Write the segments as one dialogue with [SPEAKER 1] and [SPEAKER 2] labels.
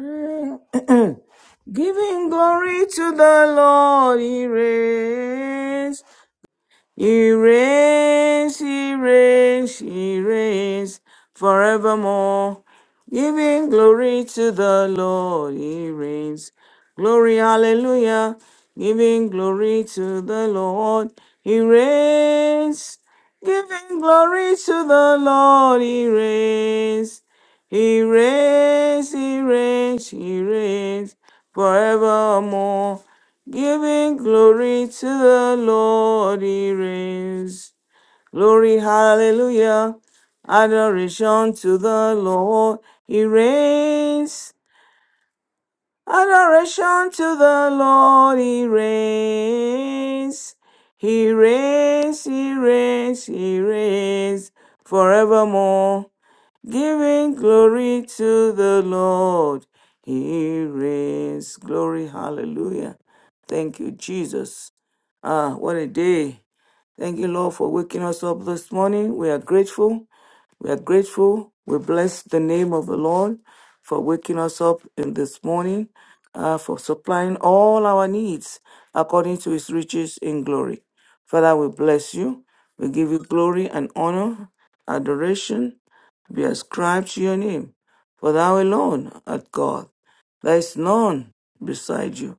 [SPEAKER 1] Giving glory to the Lord, He reigns. He reigns, he reigns, he reigns forevermore. Giving glory to the Lord, he reigns. Glory, hallelujah. Giving glory to the Lord, he reigns. Giving glory to the Lord, he reigns. He reigns, he reigns, he reigns forevermore. Giving glory to the Lord, He reigns. Glory, hallelujah. Adoration to the Lord, He reigns. Adoration to the Lord, He reigns. He reigns, He reigns, He reigns forevermore. Giving glory to the Lord, He reigns. Glory, hallelujah. Thank you, Jesus. Ah, what a day. Thank you, Lord, for waking us up this morning. We are grateful. We are grateful. We bless the name of the Lord for waking us up in this morning, uh, for supplying all our needs according to his riches in glory. Father, we bless you. We give you glory and honor, adoration be ascribed to your name. For thou alone art God. There is none beside you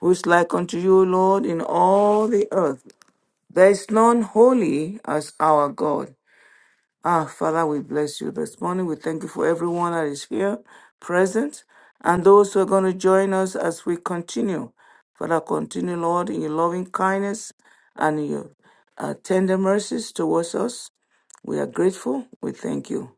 [SPEAKER 1] who is like unto you, Lord, in all the earth. There is none holy as our God. Ah, Father, we bless you this morning. We thank you for everyone that is here, present, and those who are going to join us as we continue. Father, continue, Lord, in your loving kindness and your uh, tender mercies towards us. We are grateful. We thank you.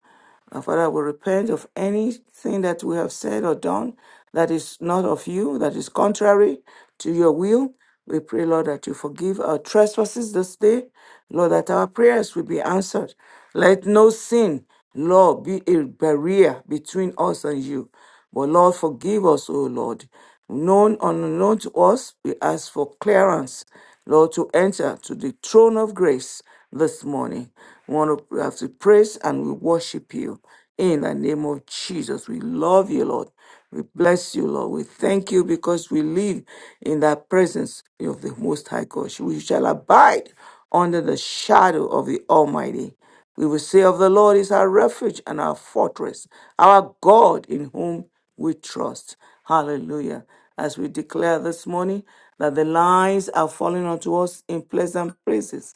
[SPEAKER 1] And Father, we repent of anything that we have said or done that is not of you, that is contrary to your will. We pray, Lord, that you forgive our trespasses this day. Lord, that our prayers will be answered. Let no sin, Lord, be a barrier between us and you. But Lord, forgive us, O Lord. Known or unknown to us, we ask for clearance, Lord, to enter to the throne of grace this morning. We want to we have to praise and we worship you. In the name of Jesus, we love you, Lord. We bless you, Lord. We thank you because we live in the presence of the Most High God. We shall abide under the shadow of the Almighty. We will say of the Lord is our refuge and our fortress, our God in whom we trust. Hallelujah. As we declare this morning that the lines are falling onto us in pleasant places,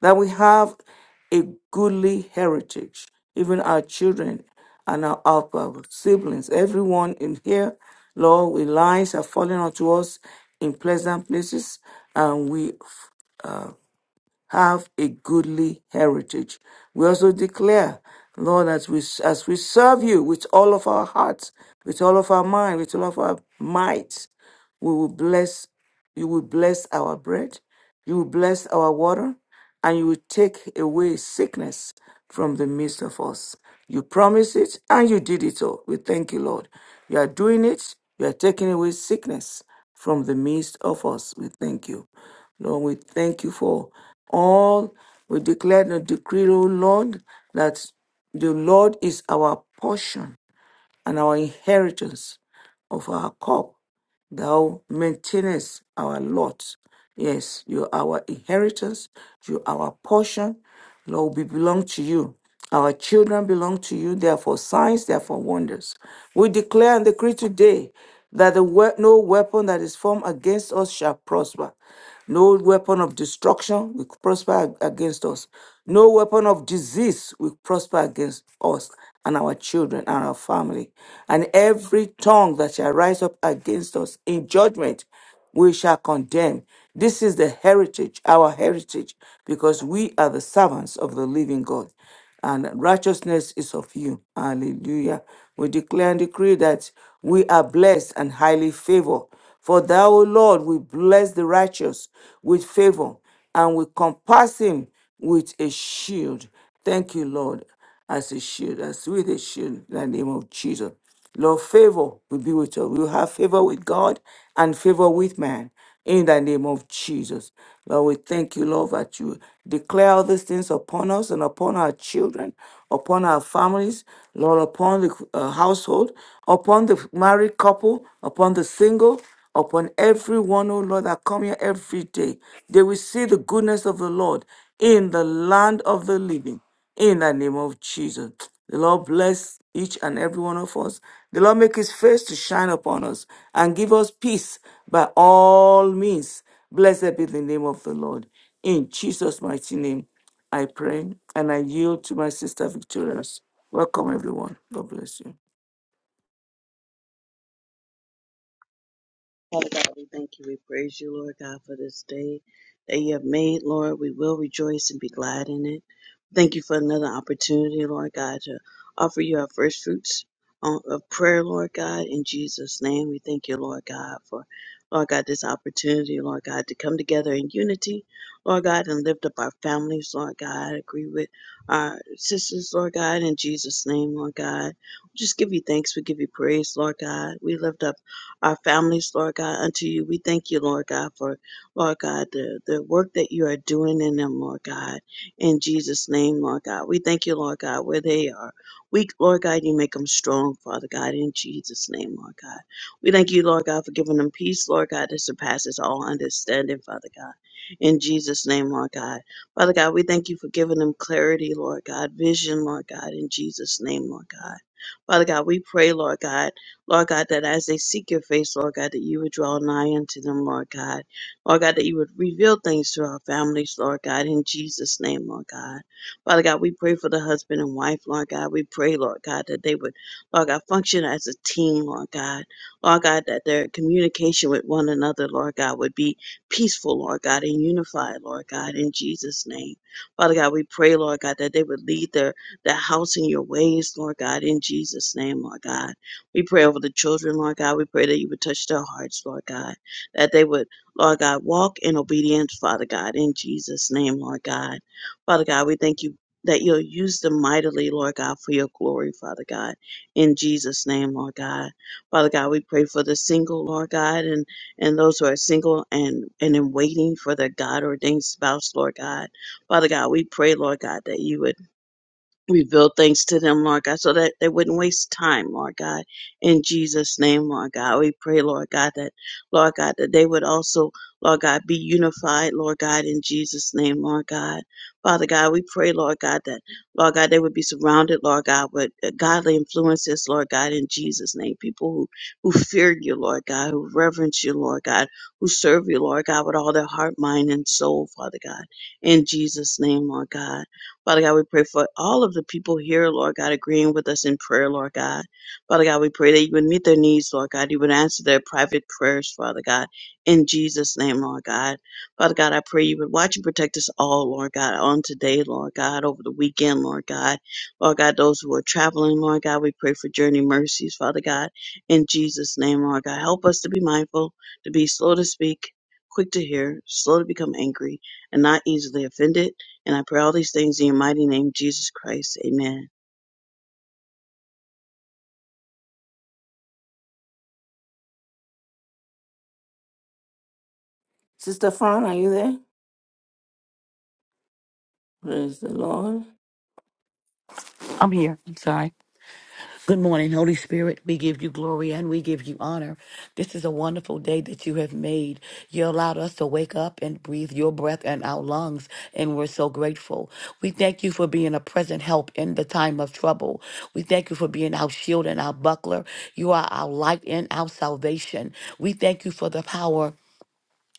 [SPEAKER 1] that we have a goodly heritage, even our children and our, our siblings, everyone in here, Lord, we lines are falling onto us in pleasant places, and we uh, have a goodly heritage. We also declare, Lord, as we as we serve you with all of our hearts, with all of our mind, with all of our might, we will bless you will bless our bread, you will bless our water, and you will take away sickness from the midst of us. You promised it and you did it all. We thank you, Lord. You are doing it, you are taking away sickness from the midst of us. We thank you. Lord, we thank you for all. We declare and decree, O Lord, that the Lord is our portion and our inheritance of our cup. Thou maintainest our lot. Yes, you are our inheritance, you are our portion. Lord, we belong to you. Our children belong to you. They are for signs, they are for wonders. We declare and decree today that the we- no weapon that is formed against us shall prosper. No weapon of destruction will prosper ag- against us. No weapon of disease will prosper against us and our children and our family. And every tongue that shall rise up against us in judgment, we shall condemn. This is the heritage, our heritage, because we are the servants of the living God, and righteousness is of you. Hallelujah. We declare and decree that we are blessed and highly favored. For thou, O Lord, we bless the righteous with favor, and we compass him with a shield. Thank you, Lord, as a shield, as with a shield in the name of Jesus. Lord, favor will be with us. We'll have favor with God and favor with man in the name of Jesus. Lord, we thank you, Lord, that you declare all these things upon us and upon our children, upon our families, Lord, upon the uh, household, upon the married couple, upon the single, upon everyone, oh Lord, that come here every day. They will see the goodness of the Lord in the land of the living in the name of Jesus. The Lord bless each and every one of us. The Lord make his face to shine upon us and give us peace by all means. Blessed be the name of the Lord. In Jesus' mighty name, I pray and I yield to my sister Victorious. Welcome, everyone. God bless you.
[SPEAKER 2] Father God, we thank you. We praise you, Lord God, for this day that you have made, Lord. We will rejoice and be glad in it. Thank you for another opportunity, Lord God, to offer you our first fruits uh, of prayer, Lord God. In Jesus' name, we thank you, Lord God, for, Lord God, this opportunity, Lord God, to come together in unity, Lord God, and lift up our families, Lord God. Agree with our sisters, Lord God, in Jesus' name, Lord God. We just give you thanks. We give you praise, Lord God. We lift up our families, Lord God, unto you. We thank you, Lord God, for, Lord God, the, the work that you are doing in them, Lord God, in Jesus' name, Lord God. We thank you, Lord God, where they are weak, Lord God, you make them strong, Father God, in Jesus' name, Lord God. We thank you, Lord God, for giving them peace, Lord God, that surpasses all understanding, Father God, in Jesus' name, Lord God. Father God, we thank you for giving them clarity, Lord God, vision, Lord God, in Jesus' name, Lord God. Father God, we pray, Lord God. Lord God, that as they seek your face, Lord God, that you would draw nigh unto them, Lord God. Lord God, that you would reveal things to our families, Lord God, in Jesus' name, Lord God. Father God, we pray for the husband and wife, Lord God. We pray, Lord God, that they would, Lord God, function as a team, Lord God. Lord God, that their communication with one another, Lord God, would be peaceful, Lord God, and unified, Lord God, in Jesus' name. Father God, we pray, Lord God, that they would lead their, their house in your ways, Lord God, in Jesus' name, Lord God. We pray over the children, Lord God. We pray that you would touch their hearts, Lord God, that they would, Lord God, walk in obedience, Father God, in Jesus' name, Lord God. Father God, we thank you that you'll use them mightily, Lord God, for your glory, Father God, in Jesus' name, Lord God. Father God, we pray for the single, Lord God, and, and those who are single and, and in waiting for their God ordained spouse, Lord God. Father God, we pray, Lord God, that you would reveal things to them, Lord God, so that they wouldn't waste time, Lord God. In Jesus' name, Lord God, we pray, Lord God, that, Lord God, that they would also, Lord God, be unified, Lord God, in Jesus' name, Lord God. Father God, we pray, Lord God, that, Lord God, they would be surrounded, Lord God, with uh, godly influences, Lord God, in Jesus' name. People who, who fear you, Lord God, who reverence you, Lord God, who serve you, Lord God, with all their heart, mind, and soul, Father God, in Jesus' name, Lord God. Father God, we pray for all of the people here, Lord God, agreeing with us in prayer, Lord God. Father God, we pray that you would meet their needs, Lord God. You would answer their private prayers, Father God, in Jesus' name, Lord God. Father God, I pray you would watch and protect us all, Lord God, on today, Lord God, over the weekend, Lord God. Lord God, those who are traveling, Lord God, we pray for journey mercies, Father God, in Jesus' name, Lord God. Help us to be mindful, to be slow to speak, quick to hear, slow to become angry, and not easily offended and I pray all these things in your mighty name, Jesus Christ. Amen.
[SPEAKER 1] Sister Fran, are you there? Praise the Lord.
[SPEAKER 3] I'm here. I'm sorry. Good morning, Holy Spirit. We give you glory and we give you honor. This is a wonderful day that you have made. You allowed us to wake up and breathe your breath in our lungs, and we're so grateful. We thank you for being a present help in the time of trouble. We thank you for being our shield and our buckler. You are our light and our salvation. We thank you for the power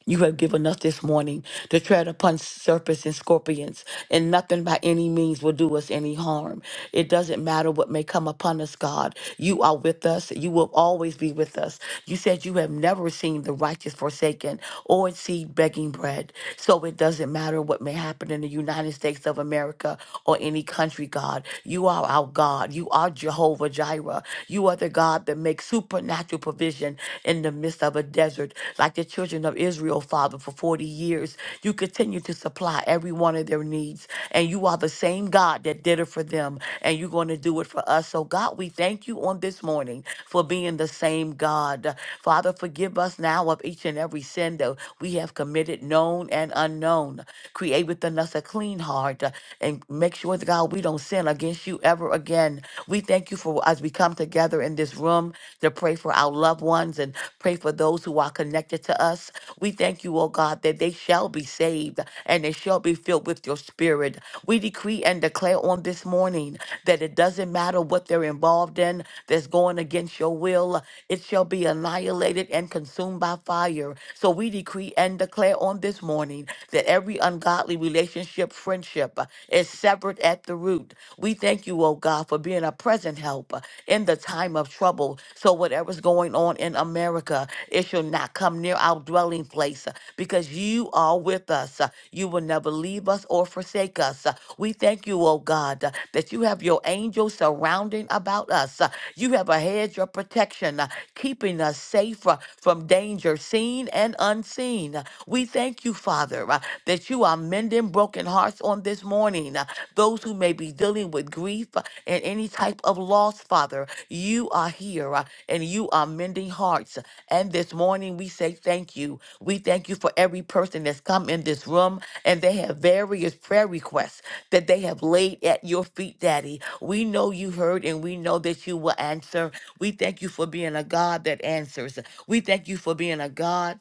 [SPEAKER 3] you have given us this morning to tread upon serpents and scorpions, and nothing by any means will do us any harm. It doesn't matter what may come upon us, God. You are with us. You will always be with us. You said you have never seen the righteous forsaken or its seed begging bread. So it doesn't matter what may happen in the United States of America or any country, God. You are our God. You are Jehovah Jireh. You are the God that makes supernatural provision in in the midst of a desert, like the children of Israel, Father, for 40 years. You continue to supply every one of their needs. And you are the same God that did it for them. And you're going to do it for us. So, God, we thank you on this morning for being the same God. Father, forgive us now of each and every sin that we have committed, known and unknown. Create within us a clean heart uh, and make sure that, God, we don't sin against you ever again. We thank you for as we come together in this this room, to pray for our loved ones and pray for those who are connected to us. We thank you, oh God, that they shall be saved and they shall be filled with your spirit. We decree and declare on this morning that it doesn't matter what they're involved in that's going against your will, it shall be annihilated and consumed by fire. So we decree and declare on this morning that every ungodly relationship, friendship uh, is severed at the root. We thank you, oh God, for God, for being a present help uh, in the time of trouble. So, whatever's going on in America, it shall not come near our dwelling place uh, because you are with us. uh, You will never leave us or forsake us. uh, We thank you, oh God, uh, that you have your angels surrounding about us. uh, You have a hedge of protection, uh, keeping us safe uh, from danger, seen and unseen. Uh, We thank you, Father, uh, that you are mending broken hearts on this morning. Uh, those who may be dealing with grief uh, and any type of loss, Father. You are here uh, and you are mending hearts. And this morning we say thank you. We thank you for every person that's come in this room and they have various prayer requests that they have laid at your feet, Daddy. We know you heard and we know that you will answer. We thank you for being a God that answers. We thank you for being a God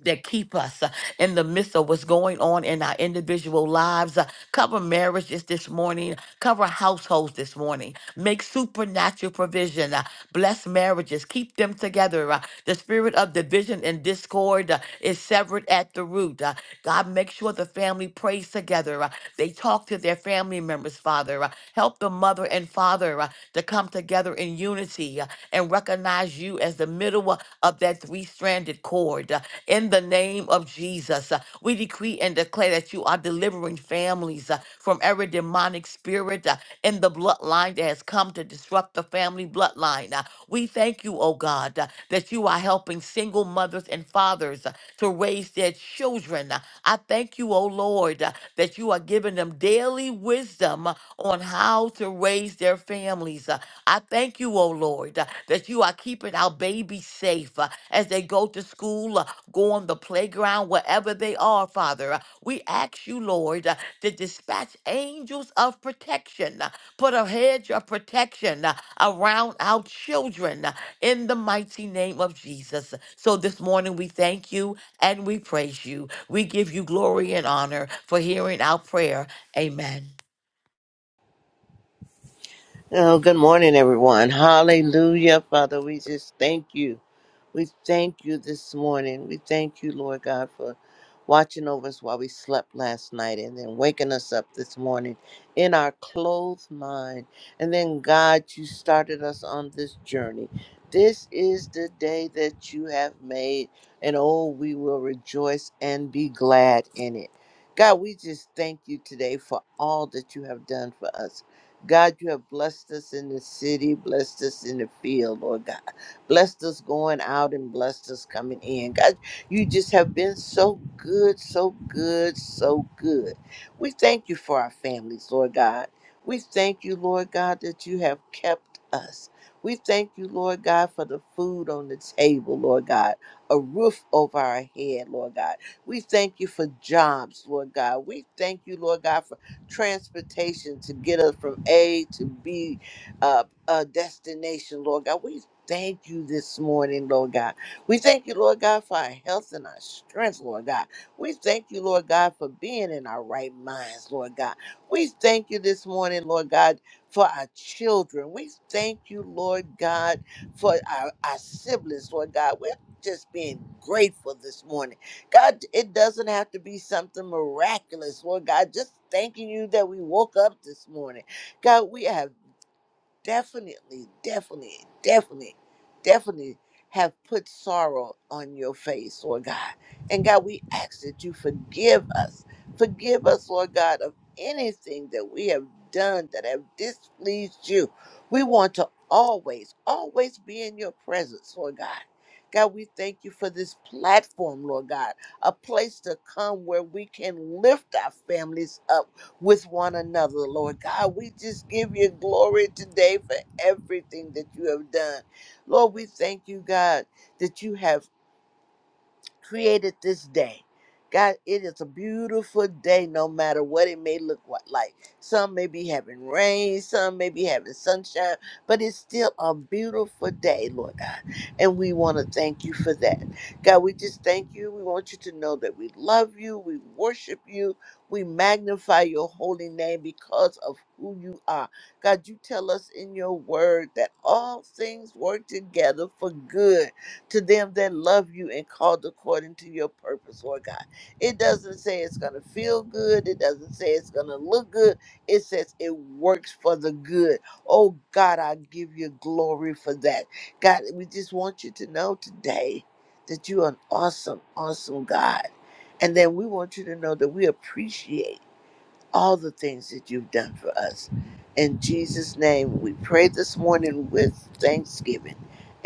[SPEAKER 3] that keep us uh, in the midst of what's going on in our individual lives. Uh, cover marriages this morning. Cover households this morning. Make supernatural provision. Uh, bless marriages. Keep them together. Uh, the spirit of division and discord uh, is severed at the root. Uh, God, make sure the family prays together. Uh, they talk to their family members, Father. Uh, help the mother and father Father, uh, to come together in unity uh, and recognize you as the middle uh, of that three stranded cord. uh, in the name of Jesus, uh, we decree and declare that you are delivering families uh, from every demonic spirit uh, in the bloodline that has come to disrupt the family bloodline. Uh, we thank you, oh God, uh, that you are helping single mothers and fathers. uh, to raise their children. I thank you, O Lord, that you are giving them daily wisdom on how to raise their families. I thank you, O Lord, that you are keeping our babies safe as they go to school, go on the playground, wherever they are, Father. We ask you, Lord, to dispatch angels of protection, put a hedge of protection around our children in the mighty name of Jesus. So this morning we thank you and we praise you. We give you glory and honor for hearing our prayer. Amen.
[SPEAKER 4] Oh, good morning, everyone. Hallelujah, Father. We just thank you. We thank you this morning. We thank you, Lord God, for watching over us while we slept last night and then waking us up this morning in our clothed mind. And then, God, you started us on this journey. This is the day that you have made, and oh, we will rejoice and be glad in it. God, we just thank you today for all that you have done for us. God, you have blessed us in the city, blessed us in the field, Lord God. Blessed us going out and blessed us coming in. God, you just have been so good, so good, so good. We thank you for our families, Lord God. We thank you, Lord God, that you have kept us. We thank you, Lord God, for the food on the table, Lord God, a roof over our head, Lord God. We thank you for jobs, Lord God. We thank you, Lord God, for transportation to get us from A to B, uh, uh, destination, Lord God. We thank you this morning, Lord God. We thank you, Lord God, for our health and our strength, Lord God. We thank you, Lord God, for being in our right minds, Lord God. We thank you this morning, Lord God, for our children. We thank you, Lord God, for our, our siblings, Lord God. We're just being grateful this morning. God, it doesn't have to be something miraculous, Lord God. Just thanking you that we woke up this morning. God, we have definitely, definitely, definitely, definitely have put sorrow on your face, Lord God. And God, we ask that you forgive us. Forgive us, Lord God, of anything that we have done that have displeased you. We want to always, always be in your presence, Lord God. God, we thank you for this platform, Lord God, a place to come where we can lift our families up with one another, Lord God. We just give you glory today for everything that you have done. Lord, we thank you, God, that you have created this day. God, it is a beautiful day, no matter what it may look wha- like. Some may be having rain, some may be having sunshine, but it's still a beautiful day, Lord God. And we want to thank you for that. God, we just thank you. We want you to know that we love you, we worship you, we magnify your holy name because of who you are. God, you tell us in your word that all things work together for good to them that love you and called according to your purpose, Lord God. It doesn't say it's going to feel good. It doesn't say it's going to look good. It says it works for the good. Oh, God, I give you glory for that. God, we just want you to know today that you're an awesome, awesome God. And then we want you to know that we appreciate all the things that you've done for us. In Jesus' name, we pray this morning with thanksgiving.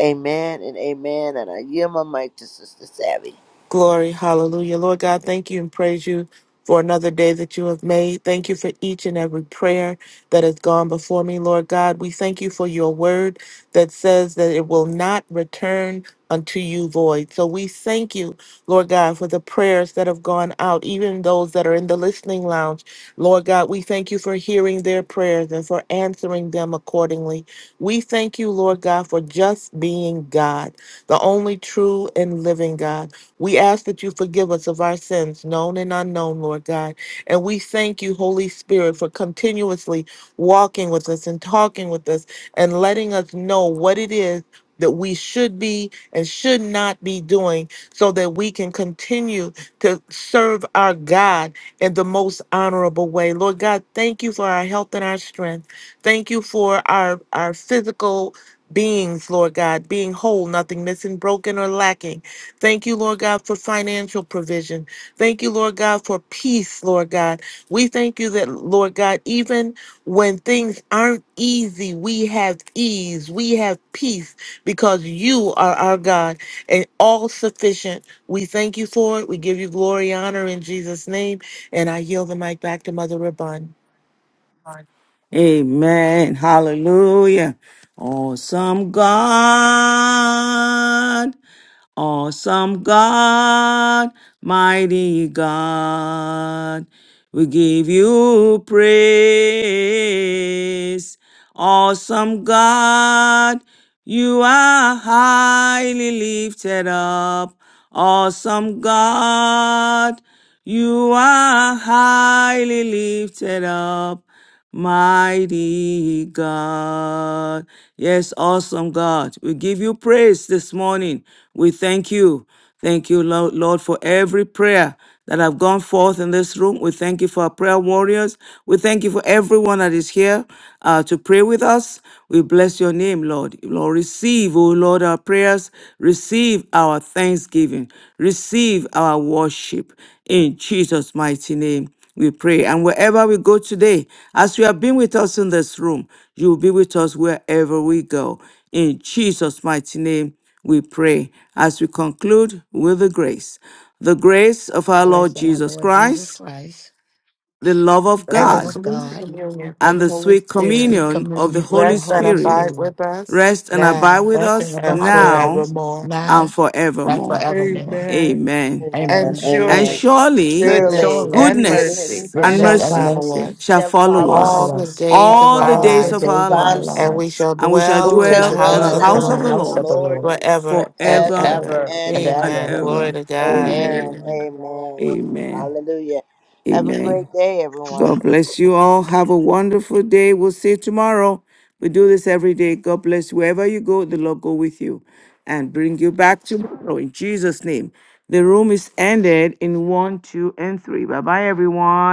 [SPEAKER 4] Amen and amen. And I yield my mic to Sister Savvy.
[SPEAKER 5] Glory, hallelujah. Lord God, thank you and praise you for another day that you have made. Thank you for each and every prayer that has gone before me, Lord God. We thank you for your word that says that it will not return unto you void. So we thank you, Lord God, for the prayers that have gone out, even those that are in the listening lounge. Lord God, we thank you for hearing their prayers and for answering them accordingly. We thank you, Lord God, for just being God, the only true and living God. We ask that you forgive us of our sins, known and unknown, Lord God. And we thank you, Holy Spirit, for continuously walking with us and talking with us and letting us know what it is that we should be and should not be doing so that we can continue to serve our God in the most honorable way. Lord God, thank you for our health and our strength. Thank you for our, our physical beings, Lord God, being whole, nothing missing, broken, or lacking. Thank you, Lord God, for financial provision. Thank you, Lord God, for peace, Lord God. We thank you that, Lord God, even when things aren't easy, we have ease, we have peace because you are our God and all sufficient. We thank you for it. We give you glory, honor in Jesus' name. And I yield the mic back to Mother Rabun.
[SPEAKER 1] Amen. Hallelujah. Awesome God. Awesome God, mighty God, we give you praise. Awesome God, you are highly lifted up. Awesome God, you are highly lifted up mighty God. Yes, awesome God. We give you praise this morning. We thank you. Thank you, Lo- Lord, for every prayer that have gone forth in this room. We thank you for our prayer warriors. We thank you for everyone that is here uh, to pray with us. We bless your name, Lord. Lord, receive, O Lord, our prayers. Receive our thanksgiving. Receive our worship in Jesus' mighty name. We pray. And wherever we go today, as you have been with us in this room, you will be with us wherever we go. In Jesus' mighty name, we pray. As we conclude with the grace, the grace of our Lord
[SPEAKER 3] Praise our
[SPEAKER 1] Jesus
[SPEAKER 3] Lord Jesus
[SPEAKER 1] Christ,
[SPEAKER 3] Christ,
[SPEAKER 1] the love of
[SPEAKER 3] the
[SPEAKER 5] And the
[SPEAKER 3] love
[SPEAKER 1] God,
[SPEAKER 3] of
[SPEAKER 5] sweet
[SPEAKER 3] God,
[SPEAKER 5] communion of
[SPEAKER 1] and
[SPEAKER 5] the
[SPEAKER 1] the
[SPEAKER 5] Holy
[SPEAKER 1] sweet
[SPEAKER 5] Spirit
[SPEAKER 3] sweet
[SPEAKER 1] communion of the
[SPEAKER 3] communion of
[SPEAKER 1] Holy
[SPEAKER 3] the
[SPEAKER 5] rest and
[SPEAKER 3] Holy
[SPEAKER 1] Spirit
[SPEAKER 5] abide
[SPEAKER 3] Spirit,
[SPEAKER 5] with us
[SPEAKER 1] rest and abide
[SPEAKER 5] now
[SPEAKER 1] with
[SPEAKER 3] bless and
[SPEAKER 1] us
[SPEAKER 5] and
[SPEAKER 3] abide with
[SPEAKER 1] now
[SPEAKER 3] us
[SPEAKER 5] forevermore.
[SPEAKER 1] and
[SPEAKER 3] now and
[SPEAKER 1] forevermore.
[SPEAKER 3] forevermore.
[SPEAKER 5] Amen.
[SPEAKER 1] Amen.
[SPEAKER 5] And
[SPEAKER 4] Amen.
[SPEAKER 3] Amen.
[SPEAKER 1] and
[SPEAKER 4] Amen.
[SPEAKER 5] surely
[SPEAKER 2] and
[SPEAKER 1] surely
[SPEAKER 3] And
[SPEAKER 2] truly
[SPEAKER 5] goodness
[SPEAKER 4] Surely
[SPEAKER 3] surely
[SPEAKER 5] and
[SPEAKER 4] goodness
[SPEAKER 5] mercy
[SPEAKER 2] goodness
[SPEAKER 1] goodness and
[SPEAKER 3] goodness
[SPEAKER 5] shall
[SPEAKER 2] and
[SPEAKER 4] and
[SPEAKER 3] and
[SPEAKER 1] mercy
[SPEAKER 4] mercy
[SPEAKER 5] follow
[SPEAKER 3] mercy
[SPEAKER 2] mercy
[SPEAKER 5] us
[SPEAKER 1] shall
[SPEAKER 4] shall
[SPEAKER 3] will
[SPEAKER 1] follow
[SPEAKER 2] shall
[SPEAKER 4] follow us
[SPEAKER 2] follow
[SPEAKER 5] all
[SPEAKER 3] follow
[SPEAKER 1] us
[SPEAKER 5] the
[SPEAKER 3] us
[SPEAKER 2] us
[SPEAKER 5] days of
[SPEAKER 1] all the
[SPEAKER 4] all
[SPEAKER 5] our
[SPEAKER 3] all
[SPEAKER 2] all
[SPEAKER 4] the
[SPEAKER 3] the
[SPEAKER 1] days
[SPEAKER 2] the
[SPEAKER 5] life,
[SPEAKER 1] of
[SPEAKER 4] days
[SPEAKER 3] days
[SPEAKER 1] our
[SPEAKER 4] of
[SPEAKER 2] days
[SPEAKER 3] of
[SPEAKER 2] of
[SPEAKER 4] our
[SPEAKER 3] our
[SPEAKER 2] our
[SPEAKER 1] lives,
[SPEAKER 5] and we
[SPEAKER 3] lives.
[SPEAKER 4] lives,
[SPEAKER 5] shall
[SPEAKER 2] lives,
[SPEAKER 1] and we shall
[SPEAKER 4] and we
[SPEAKER 5] dwell in
[SPEAKER 4] shall
[SPEAKER 3] We
[SPEAKER 2] and
[SPEAKER 5] the
[SPEAKER 1] dwell
[SPEAKER 3] Should
[SPEAKER 2] to
[SPEAKER 1] in
[SPEAKER 4] dwell
[SPEAKER 1] the
[SPEAKER 5] house
[SPEAKER 4] in
[SPEAKER 2] dwell
[SPEAKER 5] of
[SPEAKER 3] dwell
[SPEAKER 4] the
[SPEAKER 5] the
[SPEAKER 3] in
[SPEAKER 1] house
[SPEAKER 2] in
[SPEAKER 3] the
[SPEAKER 1] of
[SPEAKER 4] house
[SPEAKER 1] the
[SPEAKER 4] of
[SPEAKER 5] Lord
[SPEAKER 4] the
[SPEAKER 2] the
[SPEAKER 3] house of
[SPEAKER 1] Lord
[SPEAKER 3] the
[SPEAKER 2] house of the
[SPEAKER 4] Lord
[SPEAKER 3] Lord
[SPEAKER 2] Lord
[SPEAKER 5] forever and
[SPEAKER 1] forever
[SPEAKER 4] forever
[SPEAKER 5] ever.
[SPEAKER 2] forever
[SPEAKER 3] ever
[SPEAKER 4] and
[SPEAKER 3] and
[SPEAKER 2] and
[SPEAKER 1] and
[SPEAKER 2] ever.
[SPEAKER 3] ever.
[SPEAKER 5] Amen.
[SPEAKER 4] ever.
[SPEAKER 5] Glory
[SPEAKER 1] ever.
[SPEAKER 5] to God.
[SPEAKER 4] Amen.
[SPEAKER 1] Amen.
[SPEAKER 2] Amen.
[SPEAKER 3] Amen.
[SPEAKER 4] Amen.
[SPEAKER 1] Amen.
[SPEAKER 4] Hallelujah. Have a
[SPEAKER 1] Amen.
[SPEAKER 4] great day,
[SPEAKER 1] God
[SPEAKER 4] everyone.
[SPEAKER 1] bless you all. Have a wonderful day. We'll see you tomorrow. We do this every day. God bless you. wherever you go. The Lord go with you and bring you back tomorrow in Jesus' name. The room is ended in one, two, and three. Bye bye, everyone.